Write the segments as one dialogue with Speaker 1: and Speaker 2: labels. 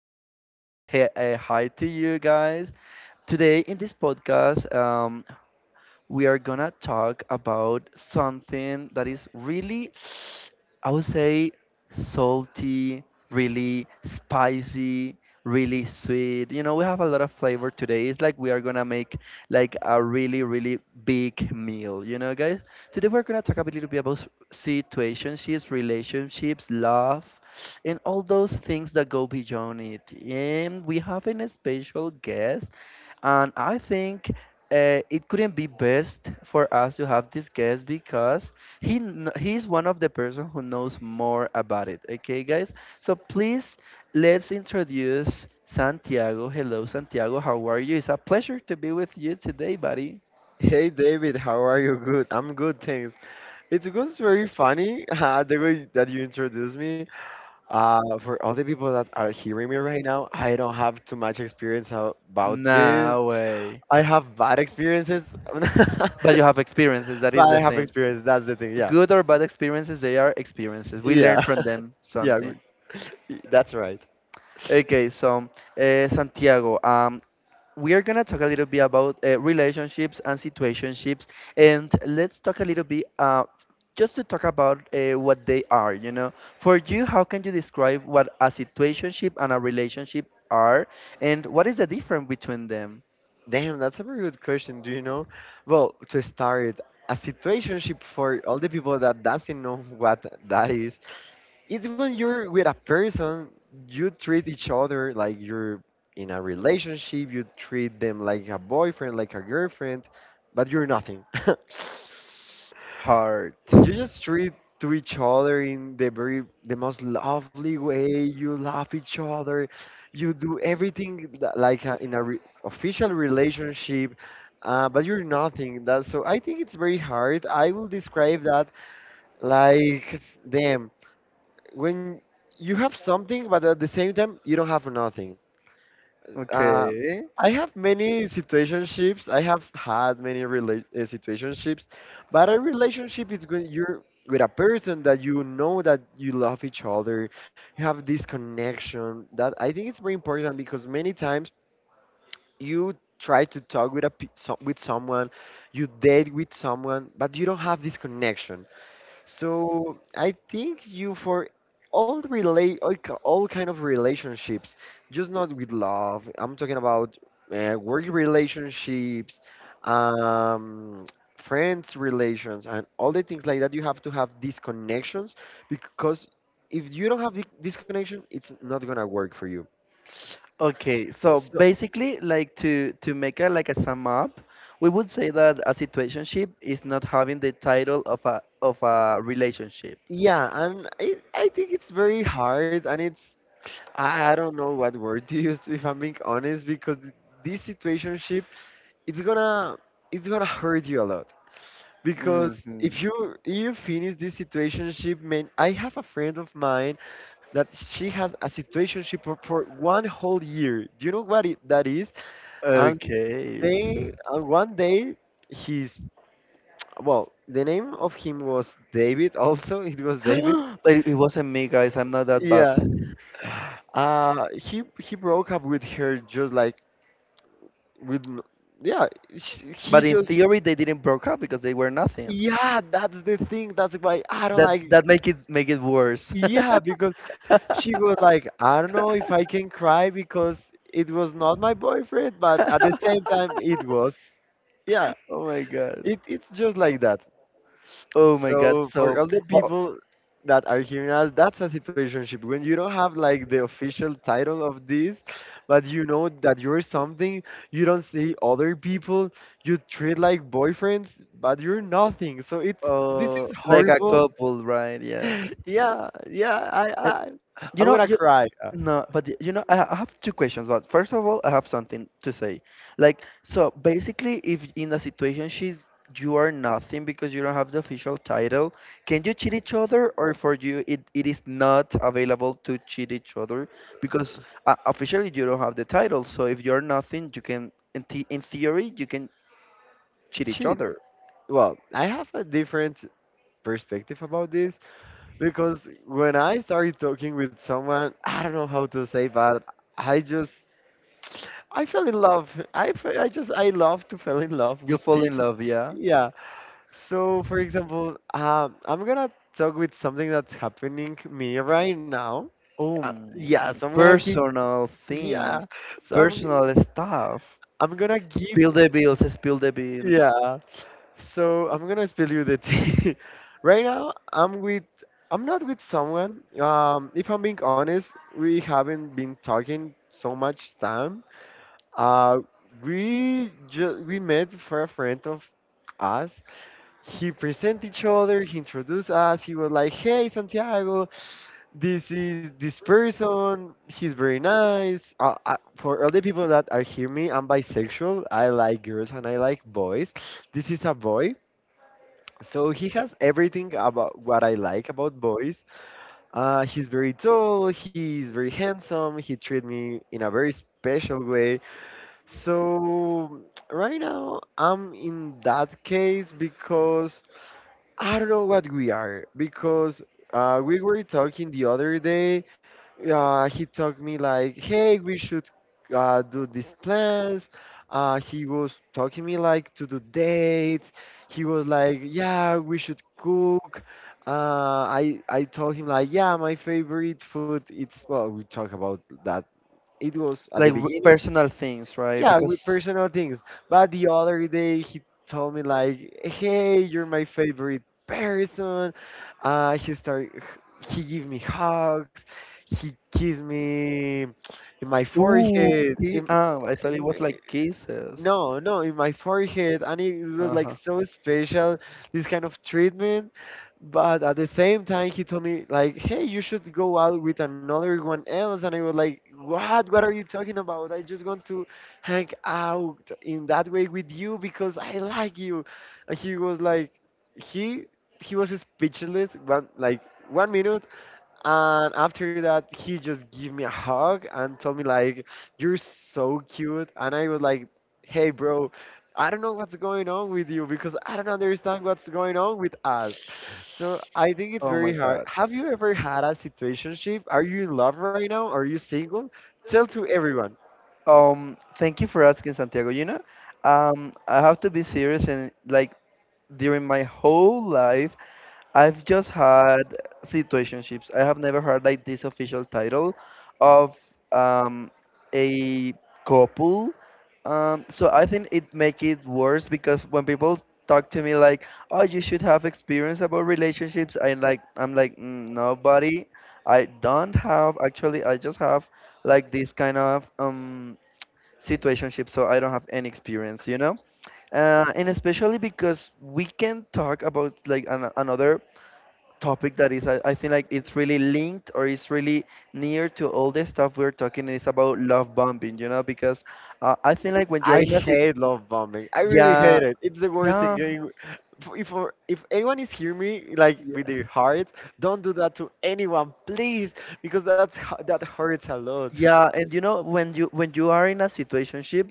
Speaker 1: tell you hi to you guys. Today, in this podcast, we are gonna talk about something that is really, I would say, salty, really spicy, really sweet. You know, we have a lot of flavor today. It's like we are gonna make like a really big meal, you know, guys? Today we're gonna talk a little bit about situationships, relationships, love, and all those things that go beyond it. And we have an special guest, and I think it couldn't be best for us to have this guest because he's one of the person who knows more about it. Okay, guys. So please, let's introduce Santiago. Hello, Santiago. How are you? It's a pleasure to be with you today, buddy.
Speaker 2: Hey David, how are you? Good. I'm good, thanks. It was very funny the way that you introduced me. For all the people that are hearing me right now, I don't have too much experience about this.
Speaker 1: No way.
Speaker 2: I have bad experiences, but
Speaker 1: But you have experiences, that is the
Speaker 2: I have
Speaker 1: thing.
Speaker 2: experience. That's the thing. Yeah,
Speaker 1: Good or bad experiences, they are experiences. We learn
Speaker 2: yeah,
Speaker 1: from them
Speaker 2: yeah.
Speaker 1: something.
Speaker 2: That's right.
Speaker 1: Okay, so Santiago, we are gonna talk a little bit about relationships and situationships, and let's talk a little bit just to talk about what they are. You know, for you, how can you describe what a situationship and a relationship are, and what is the difference between them?
Speaker 2: Damn, that's a very good question. Do you know? Well, to start, a situationship for all the people that doesn't know what that is. It's when you're with a person, you treat each other like you're in a relationship, you treat them like a boyfriend, like a girlfriend, but you're nothing.
Speaker 1: Hard.
Speaker 2: you just treat to each other in the most lovely way. You love each other. You do everything like in a official relationship, but you're nothing. That so I think it's very hard. I will describe that like, damn, when you have something, but at the same time you don't have nothing. Uh,
Speaker 1: Okay.
Speaker 2: I have many situationships. I have had many situationships, but a relationship is when you're with a person that you know that you love each other. You have this connection that I think it's very important because many times you try to talk with a with someone, you date with someone, but you don't have this connection. So I think you for all relate all kind of relationships, just not with love. I'm talking about work relationships, um, friends relations, and all the things like that. You have to have these connections because if you don't have this connection, it's not gonna work for you.
Speaker 1: Okay, so
Speaker 2: So
Speaker 1: basically, like to make a like a sum up, we would say that a situationship is not having the title of a relationship.
Speaker 2: yeah, and I think it's very hard, and it's I don't know what word to use if I'm being honest, because this situationship it's gonna it's gonna hurt you a lot, because
Speaker 1: Hmm.
Speaker 2: if you finish this situationship. Man, I have a friend of mine that she has a situationship for, one whole year. Do you know what that is? And
Speaker 1: Okay.
Speaker 2: they and one day, he's, well, the name of him was David also it was David.
Speaker 1: But it wasn't me, guys. I'm not that bad.
Speaker 2: Yeah. He broke up with her just like with yeah. He
Speaker 1: But in
Speaker 2: just.
Speaker 1: theory, they didn't broke up because they were nothing.
Speaker 2: Yeah, that's the thing. That's why I don't
Speaker 1: That,
Speaker 2: like.
Speaker 1: that make it worse.
Speaker 2: Yeah, because she was like, I don't know if I can cry, because it was not my boyfriend, but at the same time it was. Yeah.
Speaker 1: Oh my god.
Speaker 2: It's just like that.
Speaker 1: Oh my god.
Speaker 2: So for
Speaker 1: So,
Speaker 2: all the
Speaker 1: well,
Speaker 2: people that are hearing us, that's a situationship. When you don't have like the official title of this, but you know that you're something, you don't see other people, you treat like boyfriends, but you're nothing. So it's this is
Speaker 1: like a
Speaker 2: horrible.
Speaker 1: couple, right? Yes.
Speaker 2: Yeah, yeah, I'm
Speaker 1: You
Speaker 2: gonna
Speaker 1: know, you,
Speaker 2: cry.
Speaker 1: no, but you know, I have two questions. But first of all, I have something to say. Like, so basically, if in a situation she you are nothing because you don't have the official title, can you cheat each other, or for you it is not available to cheat each other because officially you don't have the title. So if you're nothing, you can in, the in theory you can cheat each
Speaker 2: Shit.
Speaker 1: other.
Speaker 2: Well, I have a different perspective about this, because when I started talking with someone, I don't know how to say, but I just I fell in love. I fe- I just I love to fall in love
Speaker 1: You
Speaker 2: with
Speaker 1: fall in
Speaker 2: people.
Speaker 1: love, yeah.
Speaker 2: Yeah. So, for example, I'm gonna talk with something that's happening me right now. Yeah. So I'm gonna give.
Speaker 1: Personal
Speaker 2: Yeah.
Speaker 1: things,
Speaker 2: So
Speaker 1: personal stuff.
Speaker 2: I'm gonna give.
Speaker 1: Spill the beans, spill the beans.
Speaker 2: Yeah. So I'm gonna spill you the tea. Right now, I'm not with someone. If I'm being honest, we haven't been talking so much time. Uh, we we met for a friend of us. He presented each other. He introduced us. He was like, "Hey, Santiago, this is this person. He's very nice." For all the people that are hear me, I'm bisexual. I like girls and I like boys. This is a boy. So he has everything about what I like about boys. He's very tall, he's very handsome, he treated me in a very special way. So right now I'm in that case, because I don't know what we are, because we were talking the other day. He told me like, hey, we should do these plans. He was talking me like to do dates. He was like, yeah, we should cook. I told him like, yeah, my favorite food. It's well, we talk about that. It was at the
Speaker 1: Like
Speaker 2: beginning.
Speaker 1: personal things, right?
Speaker 2: Yeah,
Speaker 1: Because
Speaker 2: with personal things. But the other day he told me like, "Hey, you're my favorite person." Uh, he start, he give me hugs. He kissed me in my
Speaker 1: ooh,
Speaker 2: forehead.
Speaker 1: I thought it was like kisses.
Speaker 2: No, no, in my forehead, and it was like
Speaker 1: Uh-huh.
Speaker 2: so special, this kind of treatment. But at the same time, he told me like, "Hey, you should go out with another one else," and I was like, "What? What are you talking about? I just want to hang out in that way with you because I like you." And he was like, he he was speechless. One like one minute, and after that, he just gave me a hug and told me like, "You're so cute." And I was like, "Hey, bro, I don't know what's going on with you because I don't understand what's going on with us." So I think it's
Speaker 1: Oh my
Speaker 2: very hard.
Speaker 1: God.
Speaker 2: Have you ever had a situationship? Are you in love right now? Are you single? Tell to everyone.
Speaker 1: Thank you for asking, Santiago. You know, I have to be serious and like during my whole life, I've just had situationships. I have never heard like this official title of um, a couple. So I think it make it worse because when people talk to me like, "Oh, you should have experience about relationships," I'm like, mm, nobody. I don't have actually. I just have like this kind of situationship, so I don't have any experience, you know. And especially because we can talk about like another topic that is I think like it's really linked or it's really near to all the stuff we're talking is about love bombing, you know, because I think like when you are
Speaker 2: I
Speaker 1: in a sit,
Speaker 2: hate love bombing. I really
Speaker 1: yeah,
Speaker 2: hate it. It's the worst
Speaker 1: yeah,
Speaker 2: thing. If anyone is hearing me like with their
Speaker 1: yeah.
Speaker 2: hearts, don't do that to anyone, please, because that hurts a lot.
Speaker 1: Yeah, and you know when you are in a situationship,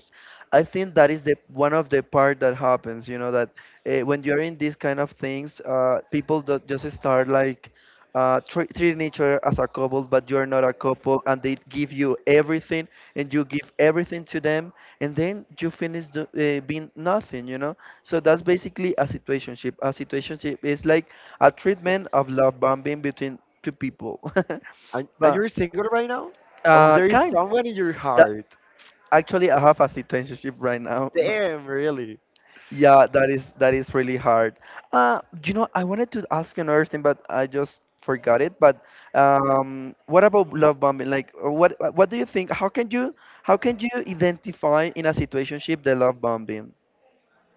Speaker 1: I think that is the one of the part that happens. You know that when you're in these kind of things, people do, just start like tr treating each other as a couple, but you're not a couple, and they give you everything, and you give everything to them, and then you finish being nothing. You know, so that's basically a situationship. A situationship is like a treatment of love bombing between two people.
Speaker 2: And
Speaker 1: But
Speaker 2: you're single right now? Oh, there is
Speaker 1: kind.
Speaker 2: someone in your heart.
Speaker 1: Actually, I have a citizenship right now.
Speaker 2: Damn, really.
Speaker 1: Yeah, that is really hard. You know, I wanted to ask you another thing, but I just forgot it. But what about love bombing? Like, what do you think? How can you, how can you identify in a situationship the love bombing?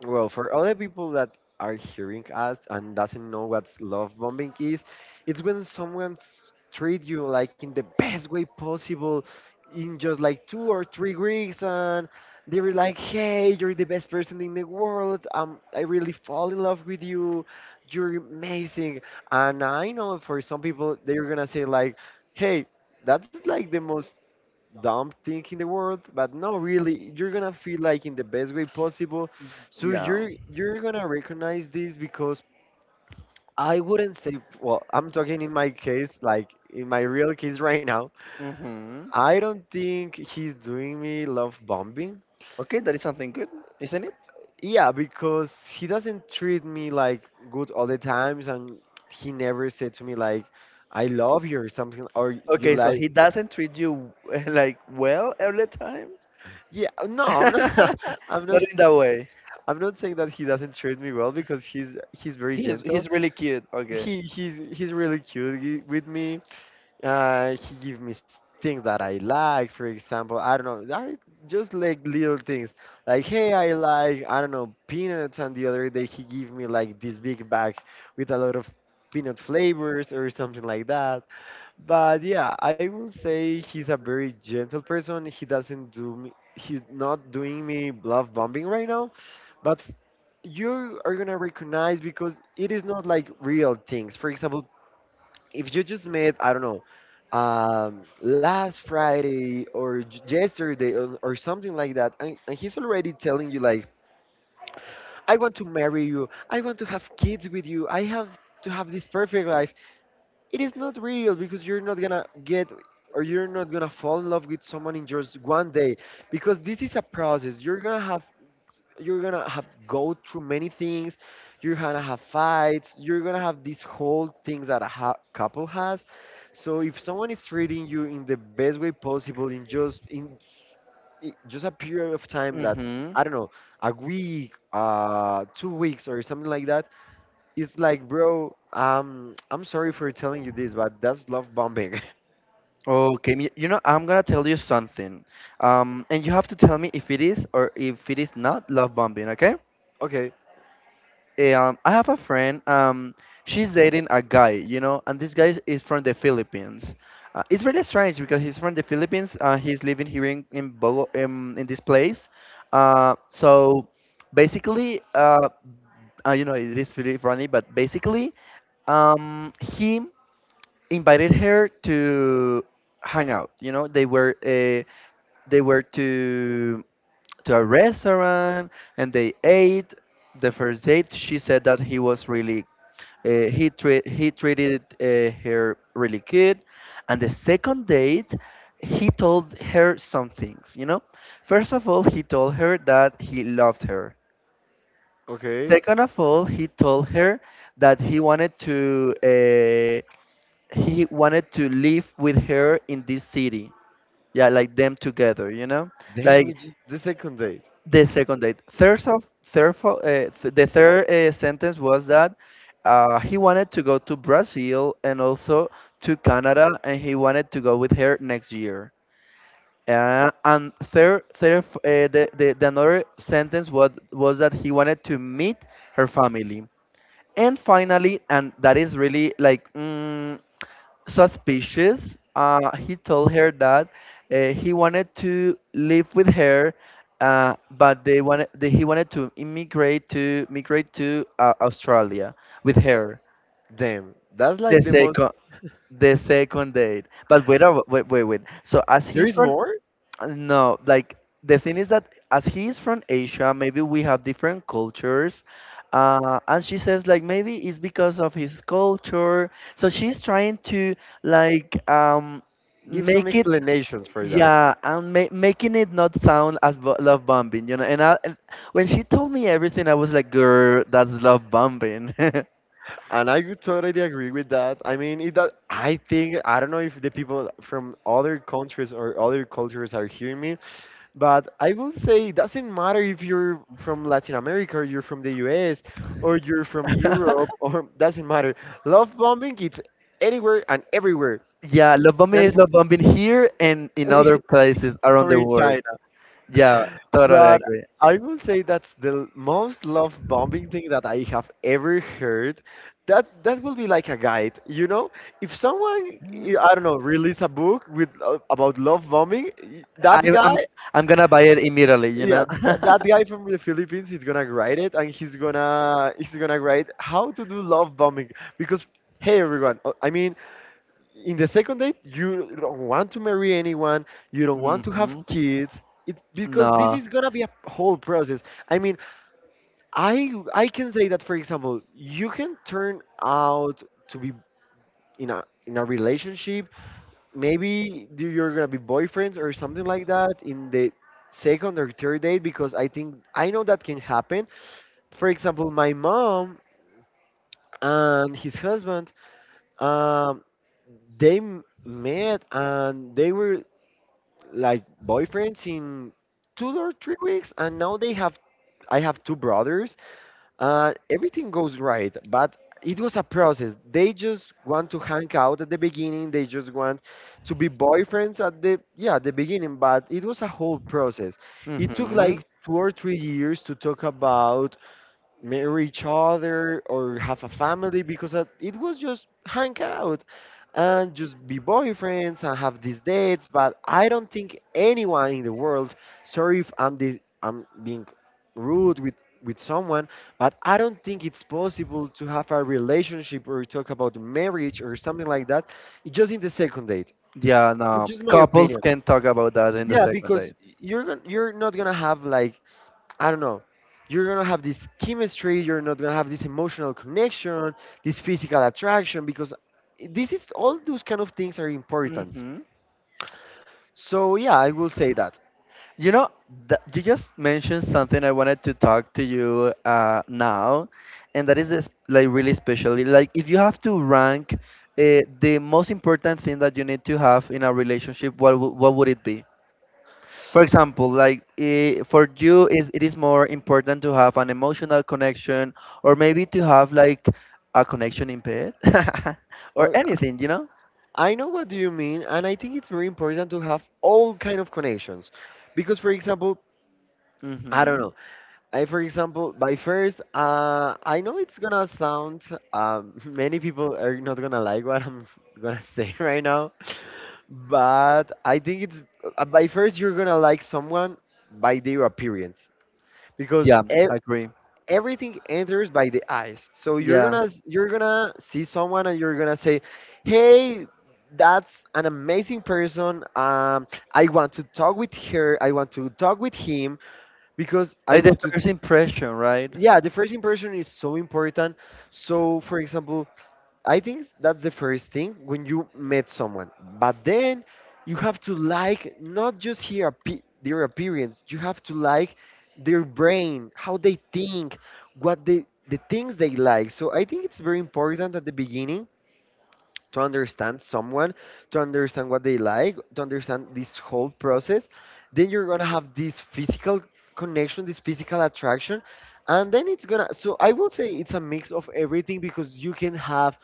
Speaker 2: Well, for other people that are hearing us and doesn't know what love bombing is, it's when someone treat you like in the best way possible in just like 2 or 3 weeks, and they were like, "Hey, you're the best person in the world. I really fall in love with you. You're amazing." And I know for some people they're gonna say like, "Hey, that's like the most dumb thing in the world," but no, really, you're gonna feel like in the best way possible. So
Speaker 1: Yeah.
Speaker 2: you're gonna recognize this because I wouldn't say. Well, I'm talking in my case, like in my real case right now.
Speaker 1: Mm-hmm.
Speaker 2: I don't think he's doing me love bombing.
Speaker 1: Okay, that is something good, isn't it?
Speaker 2: Yeah, because he doesn't treat me like good all the times, and he never said to me like, "I love you" or something, or "you
Speaker 1: Okay, so
Speaker 2: like."
Speaker 1: he doesn't treat you like well every time.
Speaker 2: Yeah, no, I'm not. I'm not.
Speaker 1: Not in that way.
Speaker 2: I'm not saying that he doesn't treat me well, because he's very
Speaker 1: He's
Speaker 2: gentle.
Speaker 1: he's really cute. Okay.
Speaker 2: He's really cute with me. He give me things that I like. For example, I don't know, that is just like little things. Like, hey, I like, I don't know, peanuts, and the other day he gave me like this big bag with a lot of peanut flavors or something like that. But yeah, I will say he's a very gentle person. He doesn't do me. He's not doing me love bombing right now, but you are gonna recognize because it is not like real things. For example, if you just met, I don't know, last Friday or yesterday, or something like that, and, he's already telling you like, I want to marry you, I want to have kids with you, I have to have this perfect life. It is not real, because you're not gonna fall in love with someone in just one day, because this is a process. You're gonna have go through many things. You're gonna have fights. You're gonna have these whole things that a couple has. So if someone is treating you in the best way possible in just just a period of time that,
Speaker 1: Mm-hmm.
Speaker 2: I don't know, a week, 2 weeks or something like that, it's like, bro, I'm sorry for telling you this, but that's love bombing.
Speaker 1: Okay, you know, I'm gonna tell you something, and you have to tell me if it is or if it is not love bombing, okay?
Speaker 2: Okay.
Speaker 1: I have a friend, she's dating a guy, you know, and this guy is from the Philippines. It's really strange because he's from the Philippines. He's living here in in this place. So basically, you know, it is really funny, but basically, he invited her to hang out. You know, they were to a restaurant and they ate. The first date, she said that he was really he treated her really good, and the second date he told her some things, you know. First of all, he told her that he loved her.
Speaker 2: Okay.
Speaker 1: Second of all, he told her that he wanted to live with her in this city. Yeah, like them together, you know?
Speaker 2: Damn, we
Speaker 1: Like
Speaker 2: just the second date.
Speaker 1: the second date. Third of, third, fo- th- The third sentence was that he wanted to go to Brazil and also to Canada, and he wanted to go with her next year. And third, third, f- the another sentence was that he wanted to meet her family. And finally, and that is really like, mm, suspicious. He told her that he wanted to live with her, but they wanted they, he wanted to immigrate to migrate to Australia with her.
Speaker 2: Damn, that's
Speaker 1: The
Speaker 2: like the most.
Speaker 1: second the second date, but wait. So as
Speaker 2: There
Speaker 1: he's
Speaker 2: is
Speaker 1: from
Speaker 2: more.
Speaker 1: no, like the thing is that as he is from Asia, maybe we have different cultures. And she says like maybe it's because of his culture. So she's trying to like
Speaker 2: Give some
Speaker 1: make it,
Speaker 2: explanations for that.
Speaker 1: yeah, and ma making it not sound as love bombing, you know. And, and when she told me everything, I was like, girl, that's love bombing.
Speaker 2: And I would totally agree with that. I mean, I think, I don't know if the people from other countries or other cultures are hearing me, but I will say it doesn't matter if you're from Latin America or you're from the US or you're from Europe or doesn't matter. Love bombing, it's anywhere and everywhere.
Speaker 1: Yeah, love bombing
Speaker 2: And
Speaker 1: is
Speaker 2: for,
Speaker 1: love bombing here and in other places around
Speaker 2: or
Speaker 1: the
Speaker 2: in
Speaker 1: world.
Speaker 2: China.
Speaker 1: Yeah, totally
Speaker 2: But
Speaker 1: agree.
Speaker 2: I will say that's the most love bombing thing that I have ever heard. That will be like a guide. If someone, I don't know, release a book with about love bombing, that
Speaker 1: I'm I'm
Speaker 2: guy,
Speaker 1: I'm gonna buy it immediately, you
Speaker 2: yeah,
Speaker 1: know.
Speaker 2: that guy from the Philippines is gonna write it, and he's gonna write how to do love bombing because. Hey everyone, in the second date you don't want to marry anyone, you don't want to have
Speaker 1: Hmm.
Speaker 2: kids it, because this
Speaker 1: No.
Speaker 2: is gonna be a whole process. i mean I can say that, for example, you can turn out to be in a relationship. Maybe you're gonna be boyfriends or something like that in the second or third date, because I know that can happen. For example, my mom and his husband, um they m- met and they were like boyfriends in 2 or 3 weeks, and now they have. I have two brothers, and everything goes right, but it was a process. They just want to hang out at the beginning. They just want to be boyfriends at the at the beginning, but it was a whole process. It took
Speaker 1: Hmm.
Speaker 2: like 2 or 3 years to talk about marry each other or have a family because it was just hang out and just be boyfriends and have these dates. But I don't think anyone in the world, sorry if I'm being rude with someone, but I don't think it's possible to have a relationship or talk about marriage or something like that just in the second date.
Speaker 1: Yeah,
Speaker 2: It's
Speaker 1: no.
Speaker 2: just my
Speaker 1: Couples
Speaker 2: opinion.
Speaker 1: can talk about that in the
Speaker 2: Yeah,
Speaker 1: second
Speaker 2: because
Speaker 1: date.
Speaker 2: you're not gonna have, like, I don't know. You're gonna have this chemistry. You're not gonna have this emotional connection, this physical attraction, because this is all those kind of things are important.
Speaker 1: Hmm.
Speaker 2: So yeah, I will say that.
Speaker 1: You know, th you just mentioned something I wanted to talk to you now, and that is this, like really, especially like if you have to rank the most important thing that you need to have in a relationship, what would it be? For example, like for you, is it is more important to have an emotional connection, or maybe to have like a connection in bed, or
Speaker 2: Uh,
Speaker 1: anything, you know?
Speaker 2: I know what do you mean, and I think it's very important to have all kind of connections, because, for example, I don't
Speaker 1: Hmm.
Speaker 2: know. I, for example, by first, I know it's gonna sound. Many people are not gonna like what I'm gonna say right now. But I think it's by first you're gonna like someone by their appearance because
Speaker 1: Yeah, I agree.
Speaker 2: everything enters by the eyes. So
Speaker 1: Yeah,
Speaker 2: you're gonna see someone and you're gonna say, "Hey, that's an amazing person. I want to talk with her. I want to talk with him because I
Speaker 1: like the
Speaker 2: want to."
Speaker 1: first impression, right?
Speaker 2: Yeah, the first impression is so important. So, for example, I think that's the first thing when you met someone. But then you have to like not just hear their appearance, you have to like their brain, how they think, what they the things they like. So I think it's very important at the beginning to understand someone, to understand what they like, to understand this whole process. Then you're gonna have this physical connection, this physical attraction. And then it's gonna, so I would say it's a mix of everything because you can have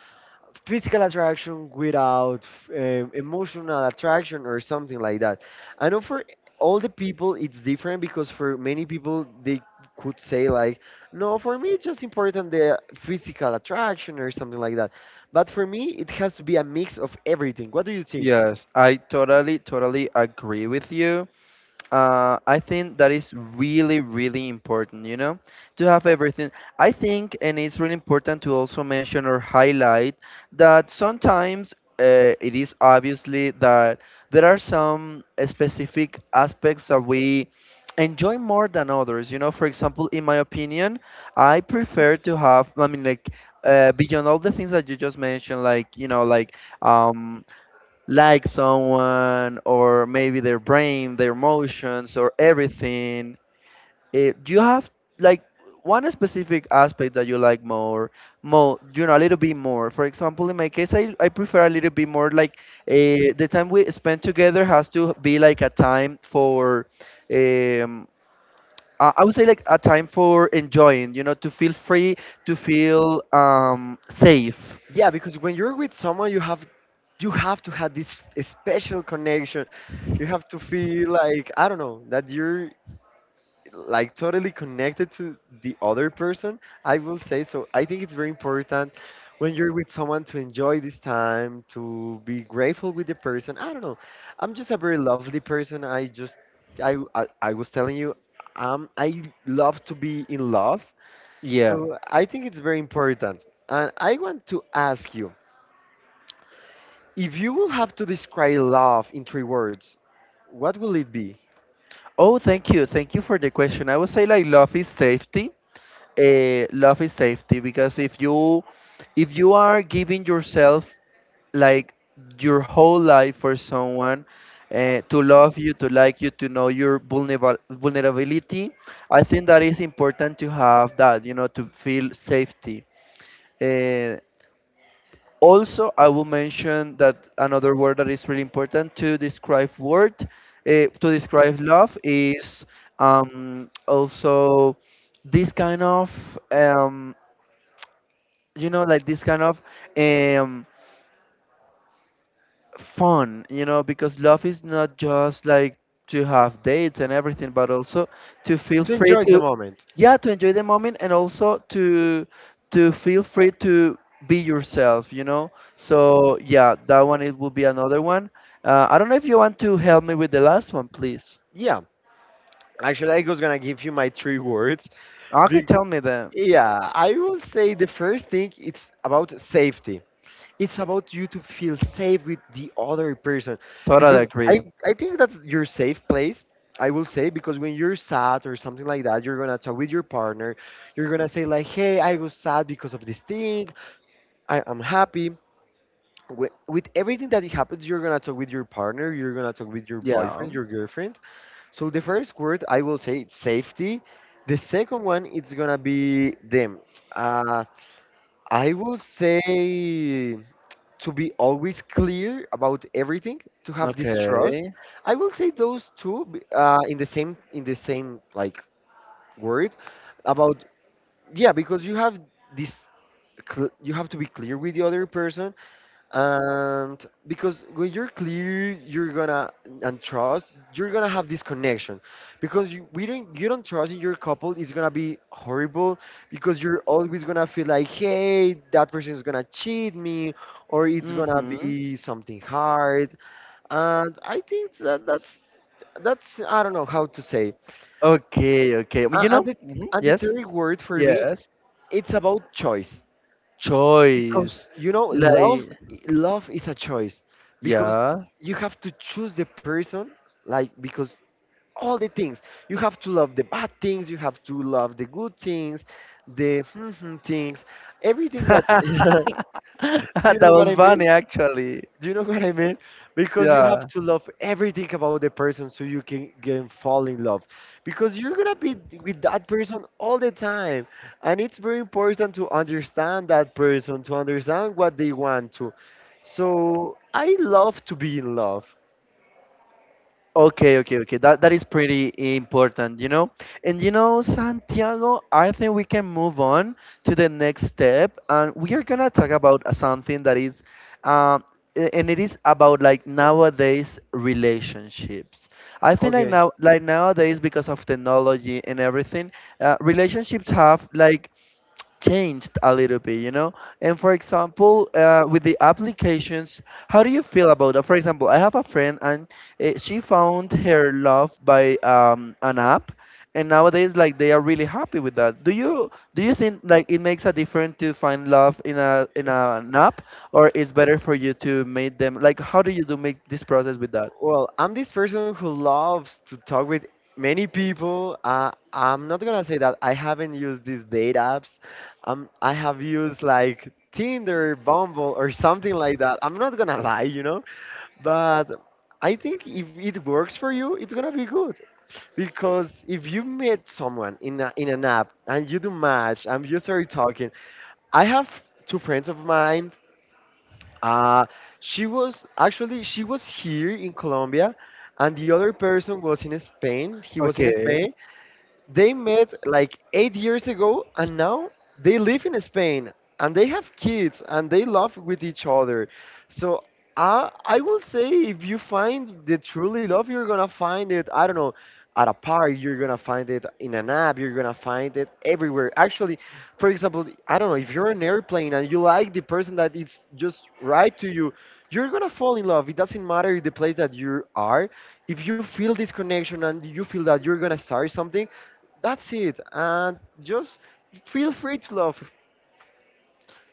Speaker 2: physical attraction without emotional attraction or something like that. I know for all the people it's different because for many people they could say like, no, for me it's just important the physical attraction or something like that. But for me it has to be a mix of everything. What do you think?
Speaker 1: Yes, I totally agree with you. Uh, I think that is really important, you know, to have everything. I think, and it's really important to also mention or highlight that sometimes it is obviously that there are some specific aspects that we enjoy more than others. You know, for example, in my opinion, I prefer to have, I mean, like, beyond all the things that you just mentioned, like, you know, um, like someone or maybe their brain, their emotions or everything. Eh, do you have like one specific aspect that you like more, you know, a little bit more? For example, in my case, I prefer a little bit more like the time we spend together has to be like a time for. Um, I would say like a time for enjoying, you know, to feel free, to feel safe.
Speaker 2: Yeah, because when you're with someone you have to have this special connection. You have to feel like, I don't know, that you're like totally connected to the other person, I will say so. I think it's very important when you're with someone to enjoy this time, to be grateful with the person. I don't know. I'm just a very lovely person. I just I was telling you, I love to be in love.
Speaker 1: Yeah.
Speaker 2: So I think it's very important. And I want to ask you, if you will have to describe love in three words, what will it be?
Speaker 1: Oh, thank you. Thank you for the question. I would say like love is safety. Love is safety because if you are giving yourself like your whole life for someone to love you, to like you, to know your vulnerable vulnerability, I think that is important to have that, you know, to feel safety. Uh, also, I will mention that another word that is really important to describe word, to describe love is also this kind of, um, you know, like this kind of, um, fun, you know, because love is not just like to have dates and everything, but also to feel
Speaker 2: To
Speaker 1: free
Speaker 2: enjoy the
Speaker 1: to,
Speaker 2: moment.
Speaker 1: yeah, to enjoy the moment and also to feel free to be yourself, you know. So yeah, that one it will be another one. I don't know if you want to help me with the last one, please.
Speaker 2: Yeah. Actually, I was gonna give you my three words.
Speaker 1: Okay,
Speaker 2: Be-
Speaker 1: tell me then.
Speaker 2: yeah, I will say the first thing it's about safety. It's about you to feel safe with the other person
Speaker 1: Totally
Speaker 2: because
Speaker 1: agree.
Speaker 2: I think that's your safe place. I will say because when you're sad or something like that, you're gonna talk with your partner. You're gonna say like, "Hey, I was sad because of this thing. I am happy." With everything that happens, you're gonna talk with your partner. You're gonna talk with your boyfriend,
Speaker 1: Yeah.
Speaker 2: your girlfriend, so the first word I will say it's safety. The second one it's gonna be them. Uh, I will say to be always clear about everything, to have this trust.
Speaker 1: Okay.
Speaker 2: I will say those in the same like word about, yeah, because you have this you have to be clear with the other person. And because when you're clear you're gonna, and trust, you're gonna have this connection, because you don't trust in your couple, it's gonna be horrible, because you're always gonna feel like, hey, that person is gonna cheat me or it's gonna
Speaker 1: Mm-hmm.
Speaker 2: be something hard. And I think that that's, I don't know how to say.
Speaker 1: Okay, okay. You know?
Speaker 2: And the, and the
Speaker 1: Yes.
Speaker 2: third word for me,
Speaker 1: Yes.
Speaker 2: it's about choice, because
Speaker 1: Choice.
Speaker 2: you know love,
Speaker 1: Like.
Speaker 2: love is a choice, because
Speaker 1: Yeah.
Speaker 2: you have to choose the person, like, because all the things, you have to love the bad things, you have to love the good things, the things, everything that do you
Speaker 1: That
Speaker 2: know what
Speaker 1: was
Speaker 2: I
Speaker 1: funny,
Speaker 2: mean
Speaker 1: actually.
Speaker 2: do you know what I mean? Because you have
Speaker 1: Yeah.
Speaker 2: to love everything about the person so you can fall in love. Because you're gonna be with that person all the time. And it's very important to understand that person, to understand what they want to. So I love to be in love.
Speaker 1: Okay, okay, okay. That is pretty important, you know. And you know, Santiago, I think we can move on to the next step, and we are gonna talk about something that is, um, and it is about like nowadays relationships. I think like
Speaker 2: Okay.
Speaker 1: now, like nowadays, because of technology and everything, relationships have like changed a little bit, you know? And for example, with the applications, how do you feel about that? For example, I have a friend and she found her love by an app, and nowadays like they are really happy with that. Do you think like it makes a difference to find love in an app, or it's better for you to meet them? Like, how do you do make this process with that?
Speaker 2: Well, I'm this person who loves to talk with many people. I'm not gonna say that I haven't used these date apps. I have used like Tinder, Bumble, or something like that. I'm not gonna lie, you know. But I think if it works for you, it's gonna be good because if you meet someone in in an app and you do match and you start talking, I have two friends of mine, uh, she was here in Colombia, and the other person was in Spain. He was in
Speaker 1: Okay.
Speaker 2: Spain, they met like 8 years ago, and now they live in Spain, and they have kids, and they love with each other. So I will say if you find the truly love, you're gonna find it. I don't know. At a park, you're gonna find it in an app, you're gonna find it everywhere. Actually, for example, I don't know, if you're on an airplane and you like the person that is just right to you, you're gonna fall in love. It doesn't matter the place that you are. If you feel this connection and you feel that you're gonna start something, that's it. And just feel free to love.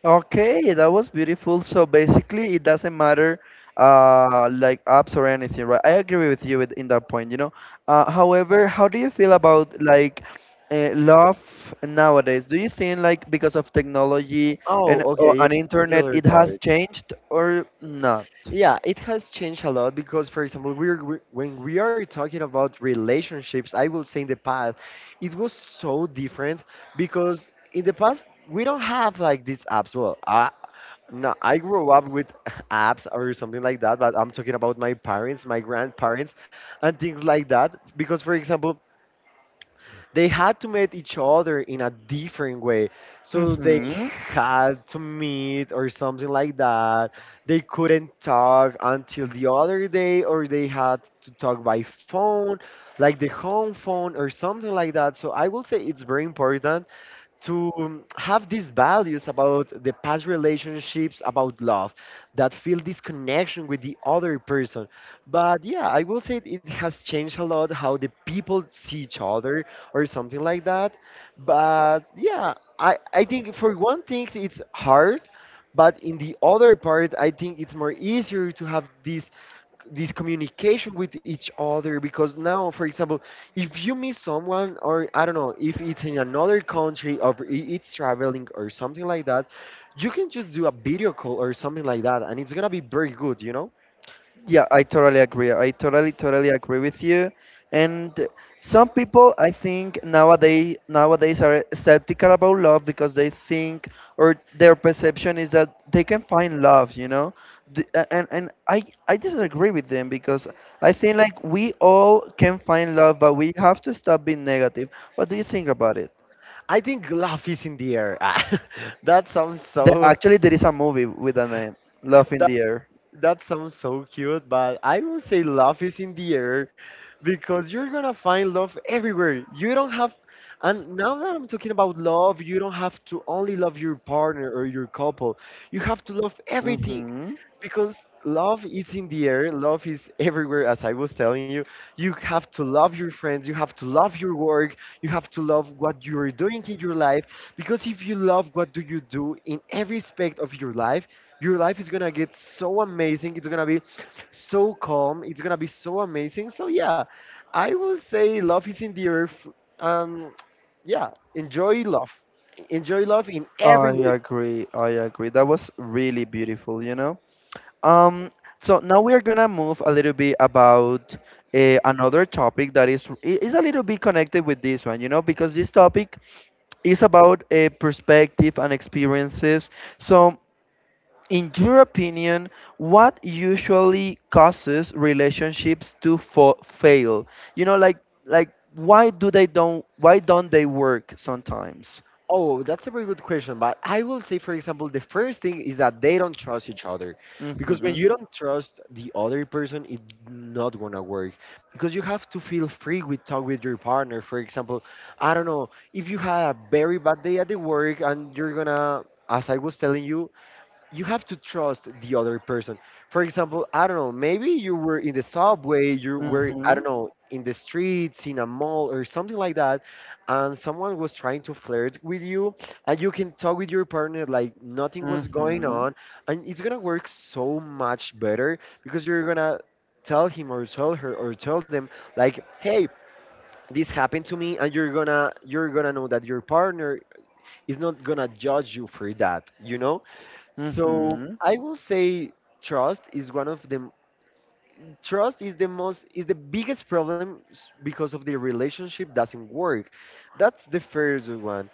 Speaker 1: Okay, that was beautiful. So basically, it doesn't matter, like apps or anything, right? I agree with you in that point, you know. However, how do you feel about like love nowadays? Do you think like because of technology
Speaker 2: Oh,
Speaker 1: and
Speaker 2: okay, yeah.
Speaker 1: an
Speaker 2: The
Speaker 1: internet,
Speaker 2: other
Speaker 1: it has
Speaker 2: part.
Speaker 1: changed or not?
Speaker 2: Yeah, it has changed a lot because, for example, we when we are talking about relationships, I will say in the past, it was so different because in the past we don't have like these apps. Well, no, I grew up with apps or something like that, but I'm talking about my parents, my grandparents, and things like that. Because, for example, they had to meet each other in a different way. So they
Speaker 1: Mm-hmm.
Speaker 2: had to meet or something like that. They couldn't talk until the other day, or they had to talk by phone, like the home phone or something like that. So I will say it's very important to have these values about the past relationships, about love, that feel this connection with the other person. But yeah, I will say it has changed a lot how the people see each other or something like that. But yeah, I think for one thing, it's hard. But in the other part, I think it's more easier to have this communication with each other, because now, for example, if you meet someone or, I don't know, if it's in another country or it's traveling or something like that, you can just do a video call or something like that and it's gonna be very good, you know.
Speaker 1: Yeah, I totally agree. I totally, totally agree with you. And some people, I think nowadays are skeptical about love because they think or their perception is that they can find love, you know. And I disagree with them because I think like we all can find love, but we have to stop being negative. What do you think about it?
Speaker 2: I think love is in the air. That sounds so,
Speaker 1: Actually, there is a movie with a name, Love in the Air.
Speaker 2: that sounds so cute, but I will say love is in the air because you're gonna find love everywhere. You don't have, and now that I'm talking about love, you don't have to only love your partner or your couple. You have to love everything
Speaker 1: hmm
Speaker 2: because love is in the air, love is everywhere. As I was telling you, you have to love your friends, you have to love your work, you have to love what you are doing in your life. Because if you love what do you do in every aspect of your life, your life is gonna get so amazing. It's gonna be so calm, it's gonna be so amazing, so yeah, I will say love is in the earth. um yeah, enjoy love, enjoy love in
Speaker 1: I
Speaker 2: every way.
Speaker 1: agree. I agree. That was really beautiful, you know? Um, so now we are gonna move a little bit about another topic that is a little bit connected with this one, you know, because this topic is about a perspective and experiences. So, in your opinion, what usually causes relationships to fail? You know, like why don't they work sometimes?
Speaker 2: Oh, that's a very good question. But I will say, for example, the first thing is that they don't trust each other. Because when you
Speaker 1: Mhm.
Speaker 2: don't trust the other person, it's not gonna work. Because you have to feel free with talk with your partner. For example, I don't know, if you had a very bad day at the work and you're gonna, as I was telling you, you have to trust the other person. For example, I don't know, maybe you were in the subway, you were, I don't
Speaker 1: Mhm.
Speaker 2: know, in the streets, in a mall or something like that, and someone was trying to flirt with you, and you can talk with your partner like nothing was going
Speaker 1: Mhm.
Speaker 2: on, and it's gonna work so much better because you're gonna tell him or tell her or tell them, like, hey, this happened to me, and you're gonna know that your partner is not gonna judge you for that, you know? So
Speaker 1: Mhm.
Speaker 2: I will say trust is one of the trust is the most is the biggest problem because of the relationship doesn't work. That's the first one.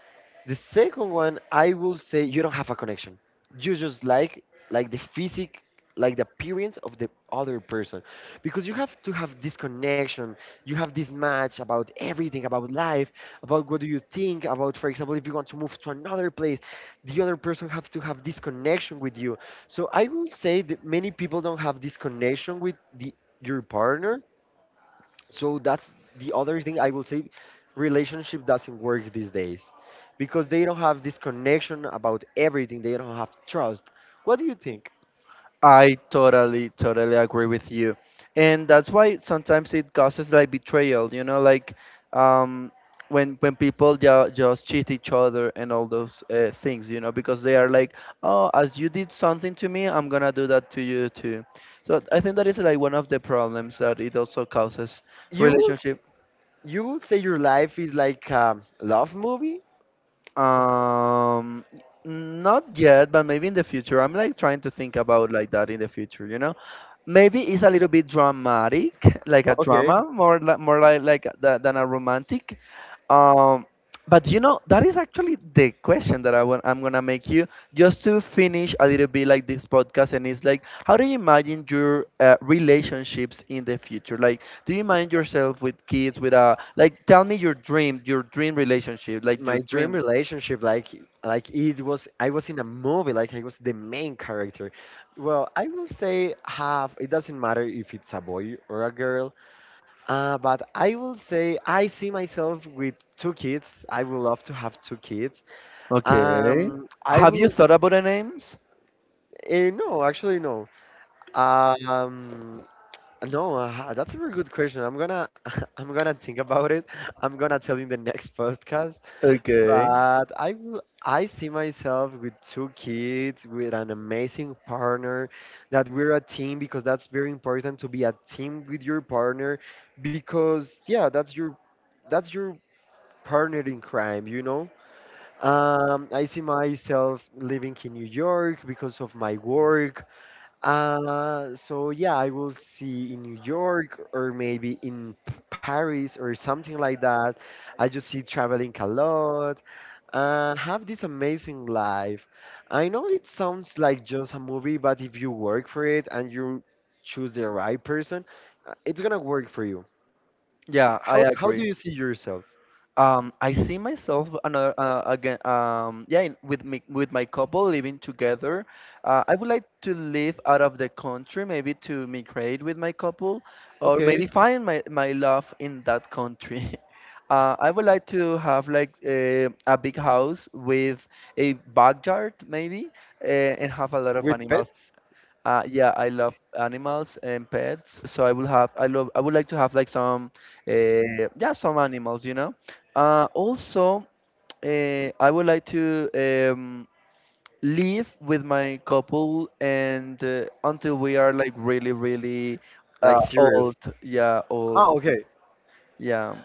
Speaker 2: The second one, I will say you don't have a connection. You just like the physic, like the appearance of the other person, because you have to have this connection. You have this match about everything, about life, about what do you think about. For example, if you want to move to another place, the other person have to have this connection with you. So I will say that many people don't have this connection with the your partner. So that's the other thing I will say relationship doesn't work these days because they don't have this connection about everything. They don't have trust. What do you think?
Speaker 1: I totally, totally agree with you. And that's why sometimes it causes like betrayal, you know, like um, when people just cheat each other and all those things, you know, because they are like, oh, as you did something to me, I'm gonna do that to you too. So I think that is like one of the problems that it also causes
Speaker 2: You will s-
Speaker 1: relationship.
Speaker 2: you will say your life is like a love movie?
Speaker 1: Um, Not yet, but maybe in the future. I'm like trying to think about like that in the future, you know? Maybe it's a little bit dramatic, like a
Speaker 2: Okay.
Speaker 1: drama, more like than a romantic. Um, but you know, that is actually the question that I'm gonna make you just to finish a little bit like this podcast, and it's like, how do you imagine your relationships in the future? Like, do you imagine yourself with kids, with a like, tell me your dream relationship, like your
Speaker 2: My dream
Speaker 1: dream.
Speaker 2: relationship, like it was I was in a movie, like I was the main character. Well, I will say half it doesn't matter if it's a boy or a girl. But I will say I see myself with two kids. I would love to have two kids.
Speaker 1: Okay.
Speaker 2: I
Speaker 1: Have you
Speaker 2: will.
Speaker 1: thought about the names?
Speaker 2: No, actually, no. Um, no, that's a very good question. I'm gonna, I'm gonna think about it. I'm gonna tell you in the next podcast.
Speaker 1: Okay.
Speaker 2: But I will. I see myself with two kids, with an amazing partner, that we're a team because that's very important to be a team with your partner, because yeah, that's your partner in crime, you know? I see myself living in New York because of my work. So yeah, I will see in New York or maybe in Paris or something like that. I just see traveling a lot and have this amazing life. I know it sounds like just a movie, but if you work for it and you choose the right person, it's gonna work for you.
Speaker 1: Yeah,
Speaker 2: How
Speaker 1: I
Speaker 2: how do
Speaker 1: agree.
Speaker 2: you see yourself?
Speaker 1: I see myself another again. Yeah, with me with my couple living together. I would like to live out of the country, maybe to migrate with my couple, or
Speaker 2: Okay,
Speaker 1: maybe find my love in that country. I would like to have like a big house with a backyard, maybe, uh, and have a lot of
Speaker 2: with
Speaker 1: animals.
Speaker 2: pets?
Speaker 1: Yeah, I love animals and pets, so I will have I love I would like to have like some uh, yeah some animals, you know. Also, I would like to live with my couple and until we are like really really
Speaker 2: Like serious.
Speaker 1: old, yeah, old,
Speaker 2: Oh, okay.
Speaker 1: yeah.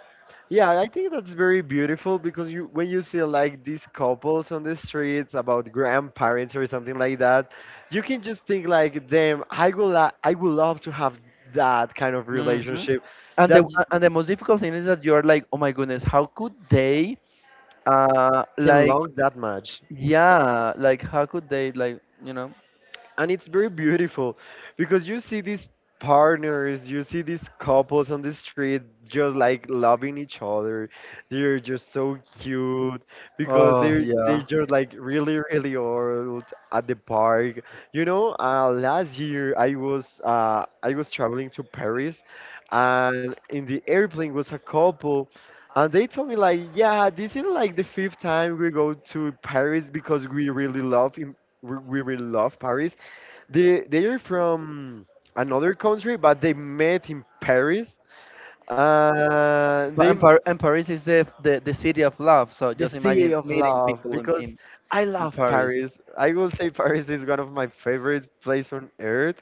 Speaker 2: Yeah, I think that's very beautiful because you, when you see like these couples on the streets about grandparents or something like that, you can just think like, damn, I will I would love to have that kind of
Speaker 1: hmm
Speaker 2: relationship,
Speaker 1: And the
Speaker 2: that
Speaker 1: a- and the most difficult thing is that you're like, oh my goodness, how could they uh
Speaker 2: can
Speaker 1: like
Speaker 2: love that much.
Speaker 1: yeah, like how could they like you know.
Speaker 2: And it's very beautiful because you see these partners, you see these couples on the street just like loving each other. They're just so cute because
Speaker 1: Oh,
Speaker 2: they
Speaker 1: yeah.
Speaker 2: just like really, really old at the park, you know. Last year I was I was traveling to Paris, and in the airplane was a couple, and they told me like, yeah, this is like the fifth time we go to Paris because we really love we really love Paris. They are from another country, but they met in Paris. They
Speaker 1: But and, Paris is the city of love. So
Speaker 2: the
Speaker 1: just imagine
Speaker 2: city of
Speaker 1: meeting
Speaker 2: love
Speaker 1: people
Speaker 2: because I
Speaker 1: in
Speaker 2: love
Speaker 1: Paris.
Speaker 2: Paris. I will say Paris is one of my favorite place on earth.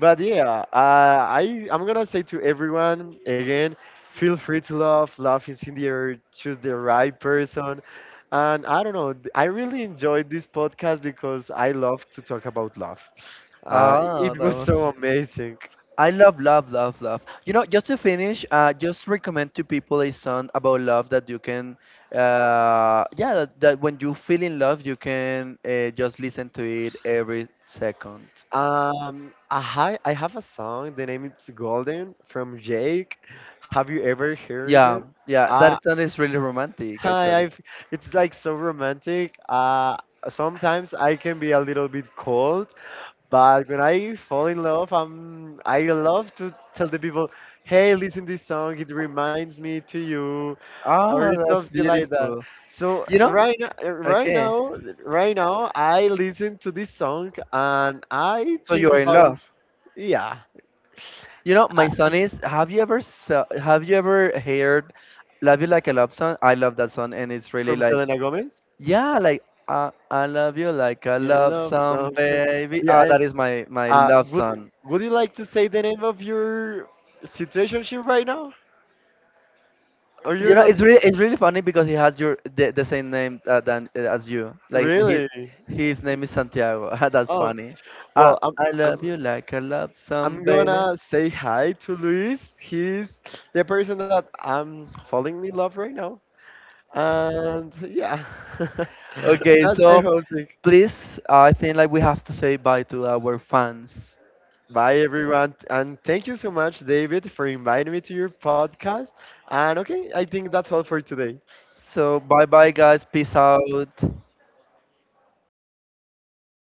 Speaker 2: But yeah, I'm gonna say to everyone again, feel free to love. Love is in the air. Choose the right person. And I don't know. I really enjoyed this podcast because I love to talk about love.
Speaker 1: Ah,
Speaker 2: It
Speaker 1: that
Speaker 2: was
Speaker 1: was.
Speaker 2: so amazing.
Speaker 1: I love love love love. You know, just to finish, just recommend to people a song about love that you can, yeah, that when you feel in love, you can just listen to it every second.
Speaker 2: I, I have a song. The name is Golden from Jake. Have you ever heard it?
Speaker 1: Yeah, yeah,
Speaker 2: Uh,
Speaker 1: that song is really romantic
Speaker 2: hi,
Speaker 1: actually.
Speaker 2: I've, it's like so romantic. Sometimes I can be a little bit cold, but when I fall in love, I'm, I love to tell the people, hey, listen this song. It reminds me to you, or
Speaker 1: Ah, that's
Speaker 2: something like that.
Speaker 1: beautiful.
Speaker 2: So
Speaker 1: You know?
Speaker 2: right now, right
Speaker 1: Okay,
Speaker 2: now, right now, I listen to this song and I
Speaker 1: so you
Speaker 2: think
Speaker 1: are in
Speaker 2: about,
Speaker 1: love.
Speaker 2: yeah,
Speaker 1: You know,
Speaker 2: uh,
Speaker 1: my son is. Have you ever heard "Love You Like a Love Song"? I love that song, and it's really
Speaker 2: from
Speaker 1: like
Speaker 2: Selena Gomez.
Speaker 1: yeah, like I love you like a
Speaker 2: Yeah,
Speaker 1: love
Speaker 2: love
Speaker 1: song,
Speaker 2: song.
Speaker 1: baby.
Speaker 2: Yeah,
Speaker 1: Ah,
Speaker 2: and
Speaker 1: that is my love
Speaker 2: would
Speaker 1: song.
Speaker 2: you like to say the name of your situationship right now, or you're
Speaker 1: You know,
Speaker 2: not
Speaker 1: it's really funny because he has your the same name than as you. Like he
Speaker 2: really?
Speaker 1: His name is Santiago. That's
Speaker 2: Oh,
Speaker 1: funny. Ah,
Speaker 2: well,
Speaker 1: I love
Speaker 2: I'm
Speaker 1: you like a love song,
Speaker 2: I'm
Speaker 1: baby.
Speaker 2: gonna say hi to Luis. He's the person that I'm falling in love right now, and yeah,
Speaker 1: Okay,
Speaker 2: that's the
Speaker 1: so
Speaker 2: whole thing.
Speaker 1: please, I think like we have to say bye to our fans.
Speaker 2: Bye everyone, and thank you so much, David, for inviting me to your podcast. And okay, I think that's all for today.
Speaker 1: So bye bye guys. Peace out.